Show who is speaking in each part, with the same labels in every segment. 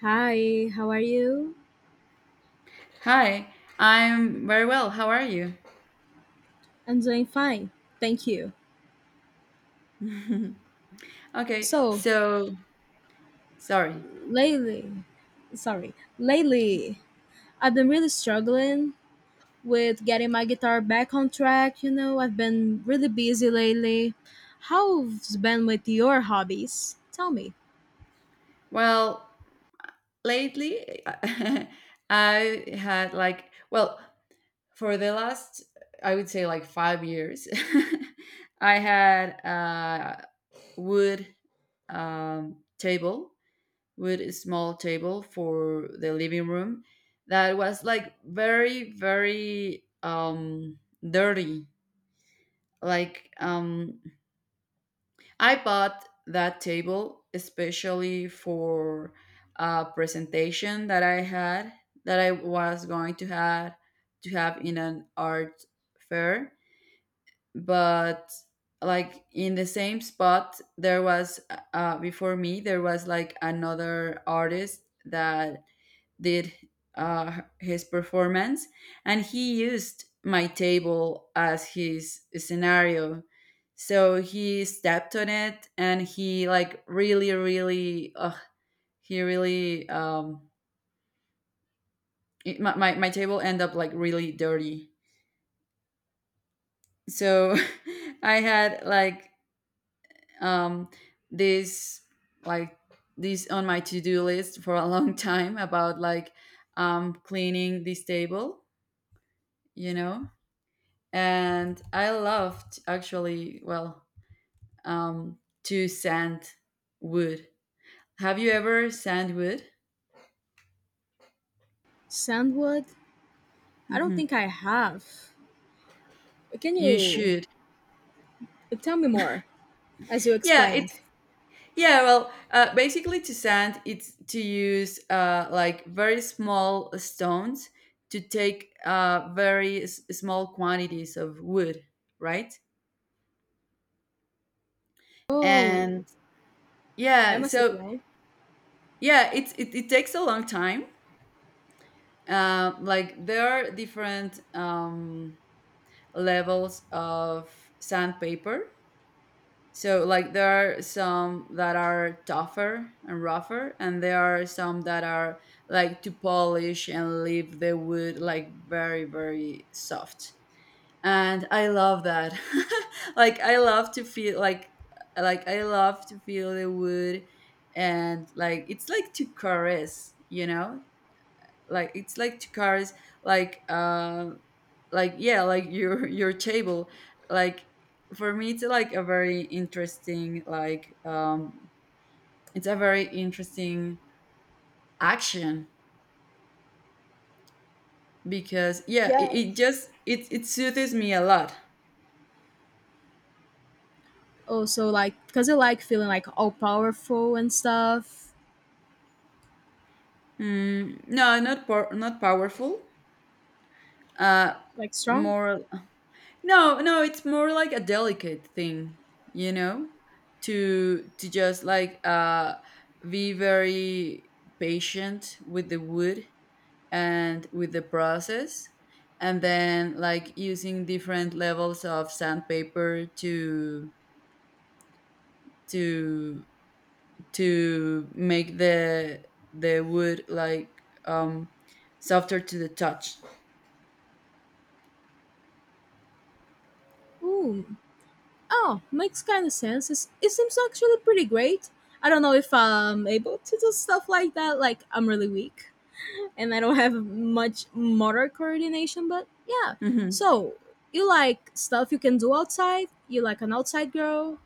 Speaker 1: Hi, how are you?
Speaker 2: Hi, I'm very well. How are you?
Speaker 1: I'm doing fine, thank you.
Speaker 2: Okay,
Speaker 1: So,
Speaker 2: sorry.
Speaker 1: lately, lately, I've been really struggling with getting my guitar back on track. You know, I've been really busy lately. How's been with your hobbies? Tell me.
Speaker 2: Well, lately I had like, well, for the last, I would say like 5 years, I had a wood table, wood small table for the living room that was like very dirty. Like, um, I bought that table especially for a presentation that I had that I was going to have in an art fair, but like in the same spot there was before me there was another artist that did his performance, and he used my table as his scenario. So he stepped on it, and he like really really he really it, my table ended up like really dirty. So I had like um, this like this on my to-do list for a long time, about like cleaning this table, you know. And I loved, actually, um, to sand wood. Have you ever sand wood
Speaker 1: Sandwood? I don't
Speaker 2: hmm
Speaker 1: think I have. Can
Speaker 2: you
Speaker 1: you
Speaker 2: should.
Speaker 1: tell me more as you
Speaker 2: yeah it
Speaker 1: explained?
Speaker 2: Yeah, well, basically to sand, it's to use like very small stones to take small quantities of wood, right?
Speaker 1: Oh,
Speaker 2: And
Speaker 1: that
Speaker 2: yeah,
Speaker 1: must take
Speaker 2: so
Speaker 1: long.
Speaker 2: yeah, it takes a long time. Like there are different levels of sandpaper. So like there are some that are tougher and rougher, and there are some that are like to polish and leave the wood like very very soft. And I love that. like I love to feel like like I love to feel the wood, and like it's like to caress, you know, like it's like two cars like uh like yeah like your your table. Like for me it's like a very interesting like It's a very interesting action because yeah it
Speaker 1: Yes.
Speaker 2: just it it soothes me a lot.
Speaker 1: Oh, so like, cause you like feeling like all powerful and stuff,
Speaker 2: Mm, not powerful, uh
Speaker 1: like strong.
Speaker 2: more no, no, it's more like a delicate thing, you know, to just like be very patient with the wood and with the process, and then like using different levels of sandpaper to to make the wood like softer to the touch.
Speaker 1: Ooh, oh, makes kind of sense. It's, it seems actually pretty great. I don't know if I'm able to do stuff like that. Like I'm really weak, and I don't have much motor coordination. But yeah,
Speaker 2: Hmm.
Speaker 1: so you like stuff you can do outside. You like an outside girl.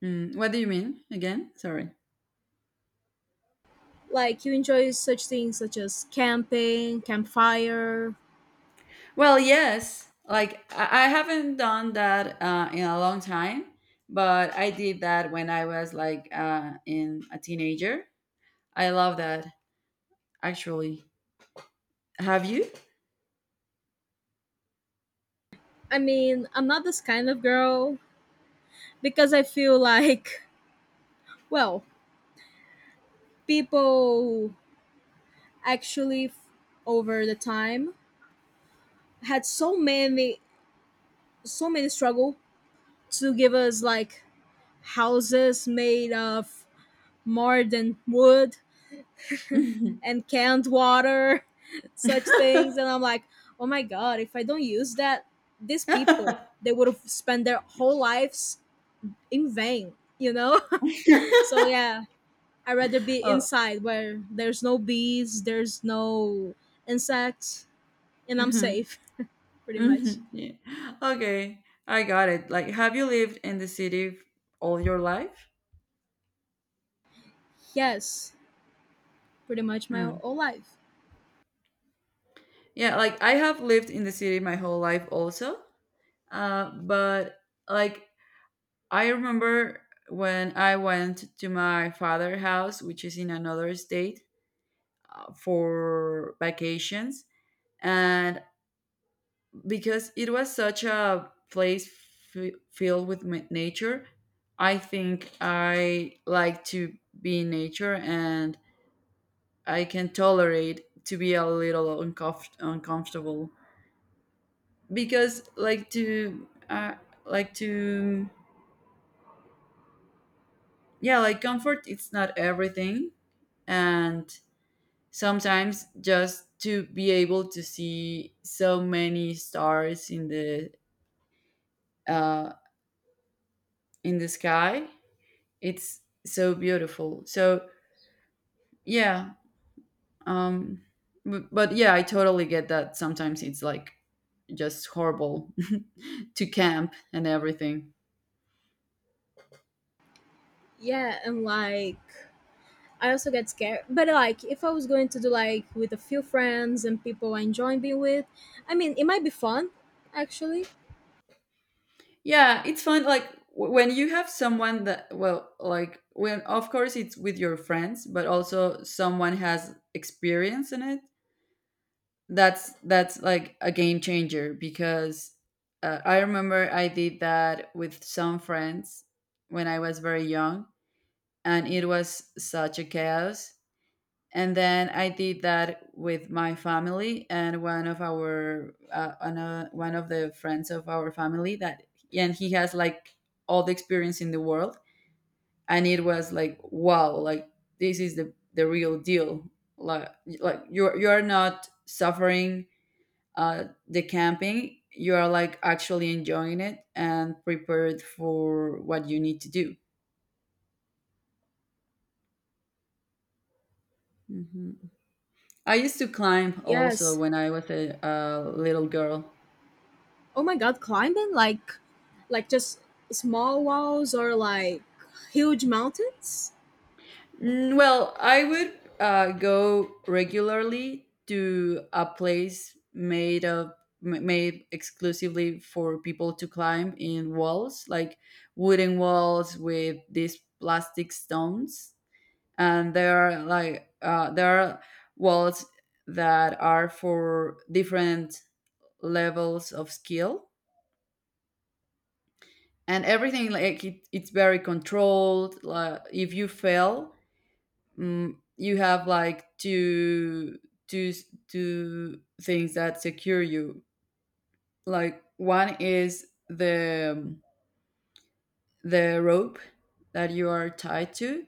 Speaker 2: Mm, what do you mean again? Sorry.
Speaker 1: Like you enjoy such things such as camping, campfire.
Speaker 2: Well, yes. Like I haven't done that in a long time, but I did that when I was like in a teenager. I love that, actually. Have you?
Speaker 1: I mean, I'm not this kind of girl because I feel like, well, people actually f- over the time had so many struggle to give us like houses made of more than wood and canned water such things, and I'm like, oh my god, if I don't use that, these people, they would have spent their whole lives in vain. So yeah, I'd rather be
Speaker 2: Oh.
Speaker 1: inside where there's no bees, there's no insects, and I'm
Speaker 2: Hmm.
Speaker 1: safe, pretty much.
Speaker 2: Hmm. Yeah. Okay, I got it. Like, have you lived in the city all your life?
Speaker 1: Yes, pretty much my
Speaker 2: Hmm.
Speaker 1: whole life.
Speaker 2: Yeah, like I have lived in the city my whole life also. But like I remember when I went to my father's house, which is in another state, for vacations. And because it was such a place filled with nature, I think I like to be in nature, and I can tolerate to be a little uncomfortable because like to yeah like comfort, it's not everything. And sometimes just to be able to see so many stars uh, in the sky, it's so beautiful. So yeah, um but yeah, I totally get that sometimes it's like just horrible to camp and everything.
Speaker 1: Yeah, and like I also get scared. But like if I was going to do like with a few friends and people I enjoy being with, I mean it might be fun actually.
Speaker 2: Yeah, it's fun, like when you have someone that, well, like when of course it's with your friends, but also someone has experience in it, that's like a game changer. Because I remember I did that with some friends when I was very young, and it was such a chaos. And then I did that with my family, and one of our one of the friends of our family, that, and he has like all the experience in the world, and it was like, wow, like this is the real deal. Like you are not suffering the camping, you are like actually enjoying it and prepared for what you need to do. Mhm. I used to climb also
Speaker 1: Yes.
Speaker 2: when I was a little girl.
Speaker 1: Oh my god, climbing like just small walls or like huge mountains?
Speaker 2: Mm, well, I would go regularly to a place made of made exclusively for people to climb in walls, like wooden walls with these plastic stones. And there are like there are walls that are for different levels of skill. And everything, like it's very controlled. Like if you fail, mm, you have like two two two things that secure you. Like one is the rope that you are tied to,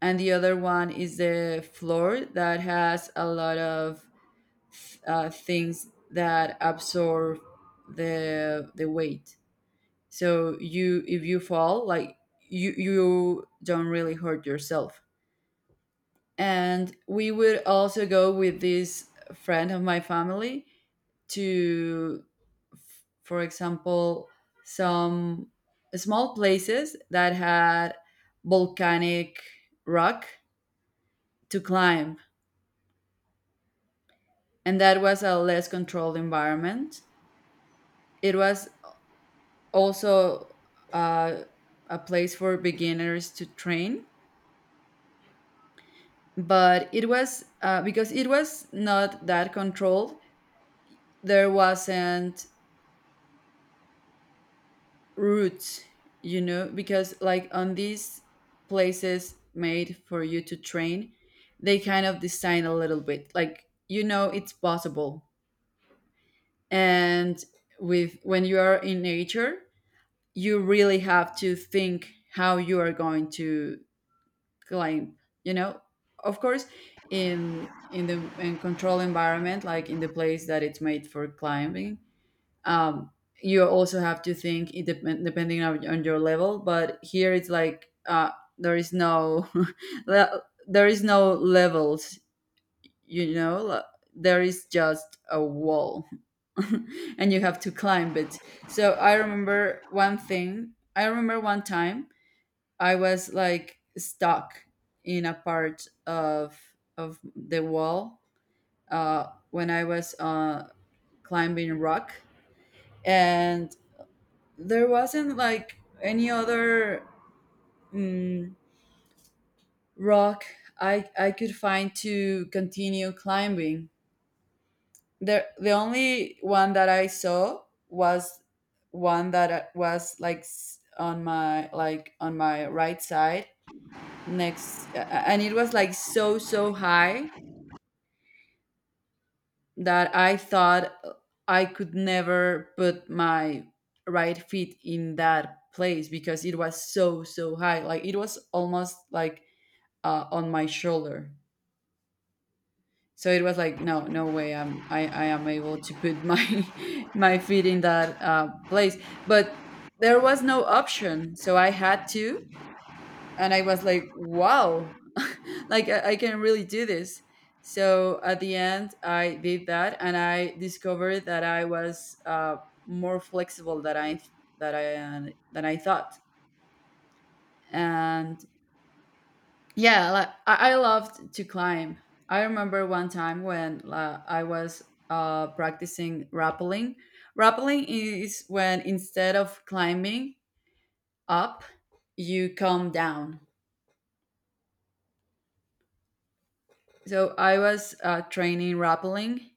Speaker 2: and the other one is the floor that has a lot of things that absorb the weight. So you, if you fall, like you don't really hurt yourself. And we would also go with this friend of my family to, for example, some small places that had volcanic rock to climb, and that was a less controlled environment. It was also uh, a place for beginners to train. But it was because it was not that controlled, there wasn't routes, you know, because like on these places made for you to train, they kind of design a little bit, like, you know, it's possible. And with when you are in nature, you really have to think how you are going to climb, you know. Of course, in the in control environment, like in the place that it's made for climbing, um you also have to think, it depending on your level, but here it's like uh, there is no there is no levels, you know, like, there is just a wall, and you have to climb it. So I remember one time I was like stuck in a part of the wall when I was climbing rock, and there wasn't like any other, mm, rock I could find to continue climbing. The only one that I saw was one that on my like on my right side next a- and it was like so so high that I thought I could never put my right feet in that place, because it was so so high, like it was almost like on my shoulder. So it was like, no no way, I am able to put my my feet in that place. But there was no option, so I had to. And I was like, wow, like I can really do this. So at the end, I did that, and I discovered that I was more flexible than I that I than I thought. And yeah, like, I loved to climb. I remember one time when I was practicing rappelling. Rappelling is when instead of climbing up, you come down. So I was training rappelling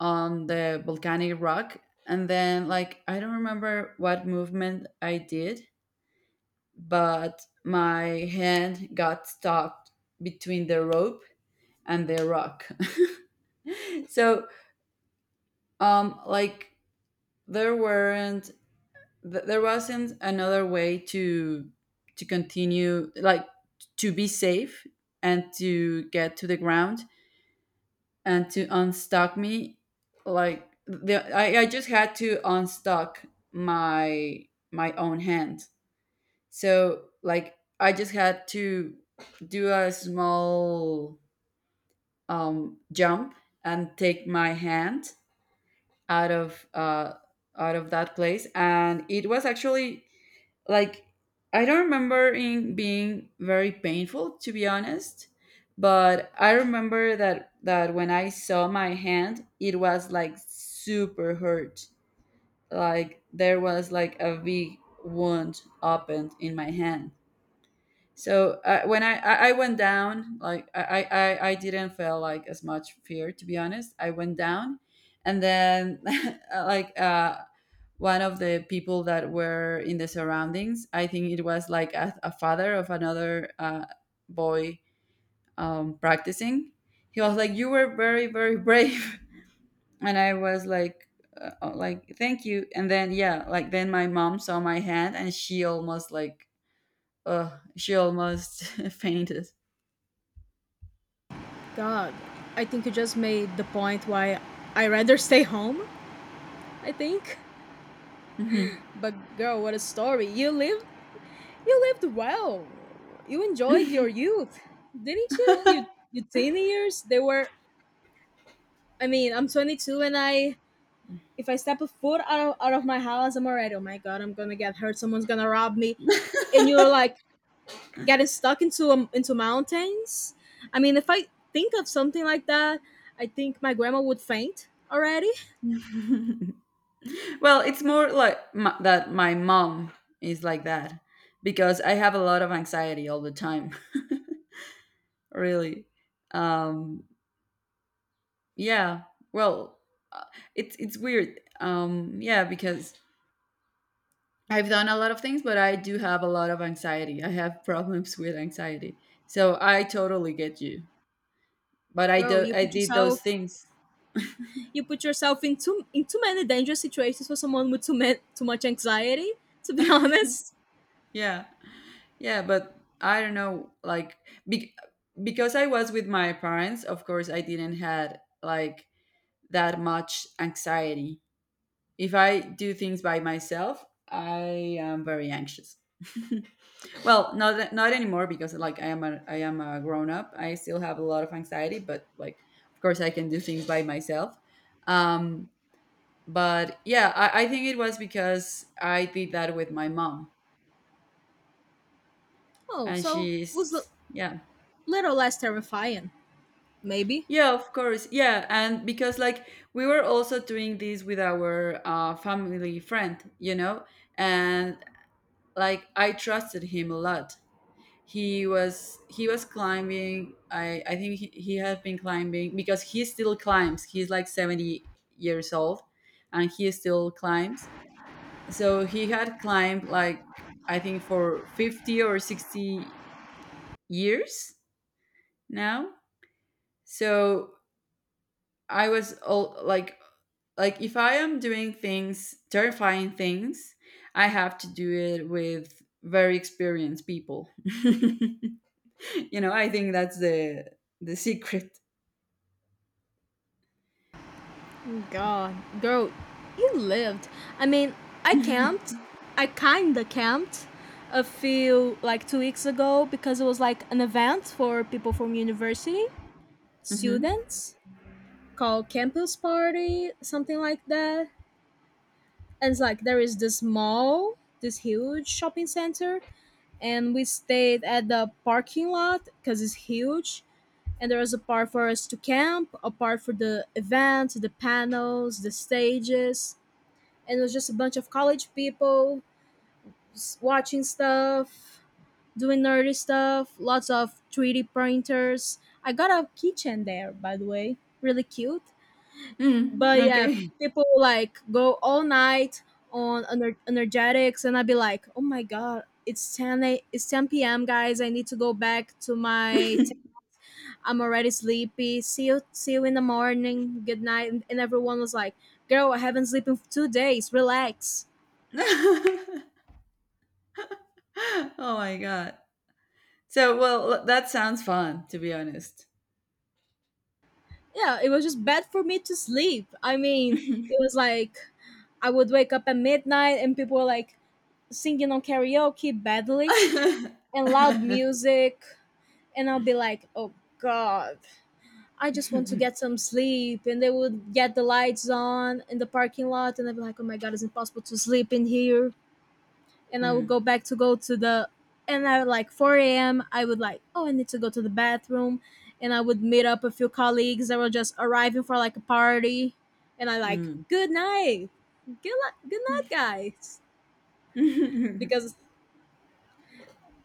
Speaker 2: on the volcanic rock, and then, like, I don't remember what movement I did, but my hand got stuck between the rope and the rock. So um, like, there weren't, there wasn't another way to continue, like, to be safe and to get to the ground and to unstuck me. Like I just had to unstuck my own hand. So like I just had to do a small jump and take my hand out of uh, out of that place. And it was actually like, I don't remember it being very painful, to be honest, but I remember that when I saw my hand, it was like super hurt. Like there was like a big wound opened in my hand. So when I went down, like, I didn't feel like as much fear, to be honest. I went down, and then like one of the people that were in the surroundings, I think it was like a father of another boy practicing. He was like, "You were very, very brave," and I was like, "Like, thank you." And then yeah, like then my mom saw my hand and she almost like, she almost fainted.
Speaker 1: God, I think you just made the point why I rather stay home, I think.
Speaker 2: Mhm.
Speaker 1: But girl, what a story. You lived well. You enjoyed your youth, didn't you? You your teeny years. They were. I mean, I'm 22, and I, if I step a foot out of my house, I'm already. Oh my god, I'm gonna get hurt. Someone's gonna rob me. And you're like getting stuck into mountains. I mean, if I think of something like that, I think my grandma would faint already.
Speaker 2: Well, it's more like m that my mom is like that, because I have a lot of anxiety all the time. Really. Um, yeah. Well, uh, it's weird. Yeah, because I've done a lot of things, but I do have a lot of anxiety. I have problems with anxiety, so I totally get you. But I
Speaker 1: Girl,
Speaker 2: do.
Speaker 1: you
Speaker 2: I
Speaker 1: put
Speaker 2: did those
Speaker 1: yourself,
Speaker 2: things.
Speaker 1: you put yourself in too many dangerous situations for someone with too much anxiety. To be honest.
Speaker 2: Yeah. Yeah, but I don't know, like, be- because I was with my parents, of course, I didn't had like that much anxiety. If I do things by myself, I am very anxious. Well, not anymore, because like I am a grown up. I still have a lot of anxiety, but like of course I can do things by myself. Um, but yeah, I think it was because I did that with my mom,
Speaker 1: Oh,
Speaker 2: and
Speaker 1: so was a
Speaker 2: she's yeah.
Speaker 1: little less terrifying, maybe.
Speaker 2: Yeah, of course. Yeah, and because like we were also doing this with our family friend, you know, and like I trusted him a lot. He was, he was climbing. I think he had been climbing, because he still climbs. He's like 70 years old, and he still climbs. So he had climbed like, I think, for 50 or 60 years now. So I was all like if I am doing things, terrifying things, I have to do it with very experienced people. You know, I think that's the secret.
Speaker 1: God, girl, you lived. I mean, I camped.
Speaker 2: Hmm.
Speaker 1: I kinda camped a few like 2 weeks ago because it was like an event for people from university, students, called campus party, something like that. And it's like there is this mall, this huge shopping center, and we stayed at the parking lot because it's huge, and there was a part for us to camp, a part for the event, the panels, the stages, and it was just a bunch of college people just watching stuff, doing nerdy stuff, lots of 3D printers. I got a keychain there, by the way, really cute.
Speaker 2: Mm,
Speaker 1: But yeah,
Speaker 2: okay.
Speaker 1: people like go all night on energetics, and I'd be like, oh my god. It's 10 p.m. guys. I need to go back to my, I'm already sleepy. See you in the morning. Good night. And everyone was like, "Girl, I haven't slept in 2 days. Relax."
Speaker 2: Oh my god. So well, that sounds fun, to be honest.
Speaker 1: Yeah, it was just bad for me to sleep. I mean, it was like I would wake up at midnight and people were like singing on karaoke badly and loud music, and I'll be like, "Oh God, I just want to get some sleep." And they would get the lights on in the parking lot, and I'd be like, "Oh my God, it's impossible to sleep in here." And I would go
Speaker 2: Mm,
Speaker 1: back to go to the, and I like 4 a.m. I would like, oh, I need to go to the bathroom, and I would meet up a few colleagues that were just arriving for like a party, and I like
Speaker 2: mm.
Speaker 1: good night, good night, guys,
Speaker 2: Mm,
Speaker 1: because,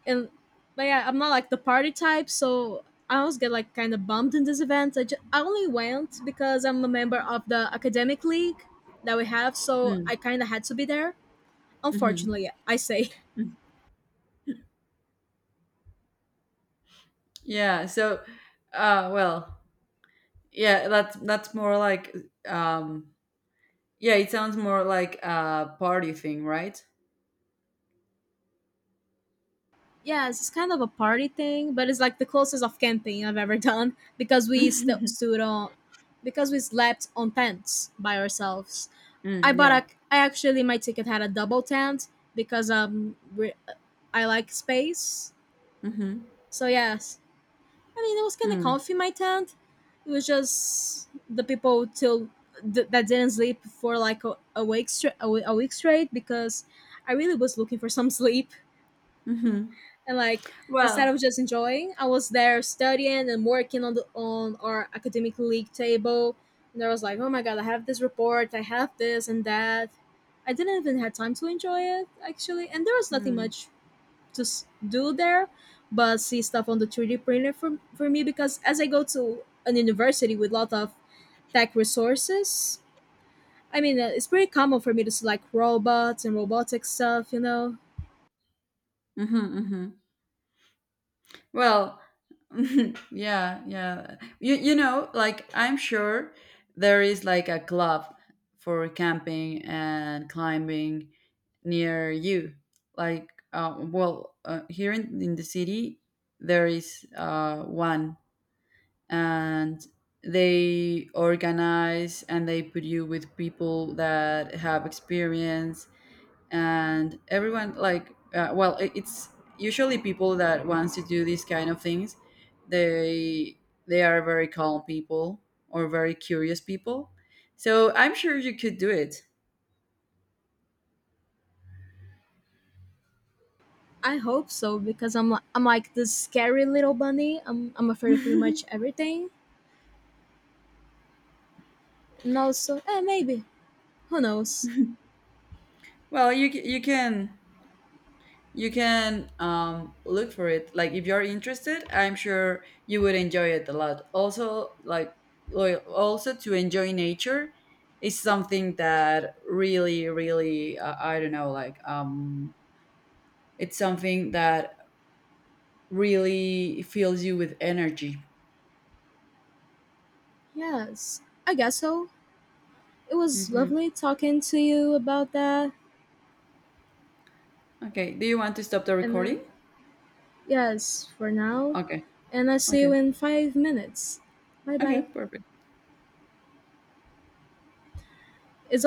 Speaker 1: and but yeah, I'm not like the party type, so I always get like kind of bumped in these events. I only went because I'm a member of the academic league that we have, so I kind of had to be there.
Speaker 2: mhm, mm.
Speaker 1: Unfortunately, I say.
Speaker 2: Yeah. So, uh, well, yeah, that's more like um yeah, it sounds more like a party thing, right?
Speaker 1: Yes, it's just kind of a party thing, but it's like the closest of camping I've ever done because we st- stood on, because we slept on tents by ourselves. I
Speaker 2: Mm,
Speaker 1: bought a,
Speaker 2: yeah.
Speaker 1: I actually my ticket had a double tent because we, I like space.
Speaker 2: Mhm.
Speaker 1: So yes, I mean it was kind of
Speaker 2: Mm,
Speaker 1: comfy my tent. It was just the people till that didn't sleep for like a week straight, a week straight, because I really was looking for some sleep,
Speaker 2: mhm.
Speaker 1: and like instead of
Speaker 2: Well,
Speaker 1: just enjoying, I was there studying and working on the on our academic league table, and I was like oh my god I have this report, I have this and that. I didn't even have time to enjoy it actually, and there was nothing
Speaker 2: mm,
Speaker 1: much do there but see stuff on the 3D printer for me, because as I go to an university with a lot of tech resources. I mean, it's pretty common for me to see like robots and robotic stuff.
Speaker 2: mhm, mhm. Well, yeah, yeah. You know, like I'm sure there is like a club for camping and climbing near you. Like here in the city there is one, and they organize and they put you with people that have experience. And everyone like it's usually people that wants to do these kind of things. they they are very calm people or very curious people, so I'm sure you could do it.
Speaker 1: I hope so because I'm like this scary little bunny. I'm afraid of pretty much everything. And also, eh, maybe, who knows?
Speaker 2: Well, you can, you can look for it. Like if you're interested, I'm sure you would enjoy it a lot. Also, like, also to enjoy nature is something that really really I don't know, like it's something that really fills you with energy.
Speaker 1: Yes, I guess so. It was
Speaker 2: Hmm.
Speaker 1: lovely talking to you about that.
Speaker 2: Okay, do you want to stop the
Speaker 1: And
Speaker 2: recording?
Speaker 1: then yes, for now,
Speaker 2: Okay.
Speaker 1: and I see you
Speaker 2: Okay.
Speaker 1: in 5 minutes. Bye
Speaker 2: Okay,
Speaker 1: bye.
Speaker 2: perfect.
Speaker 1: It's only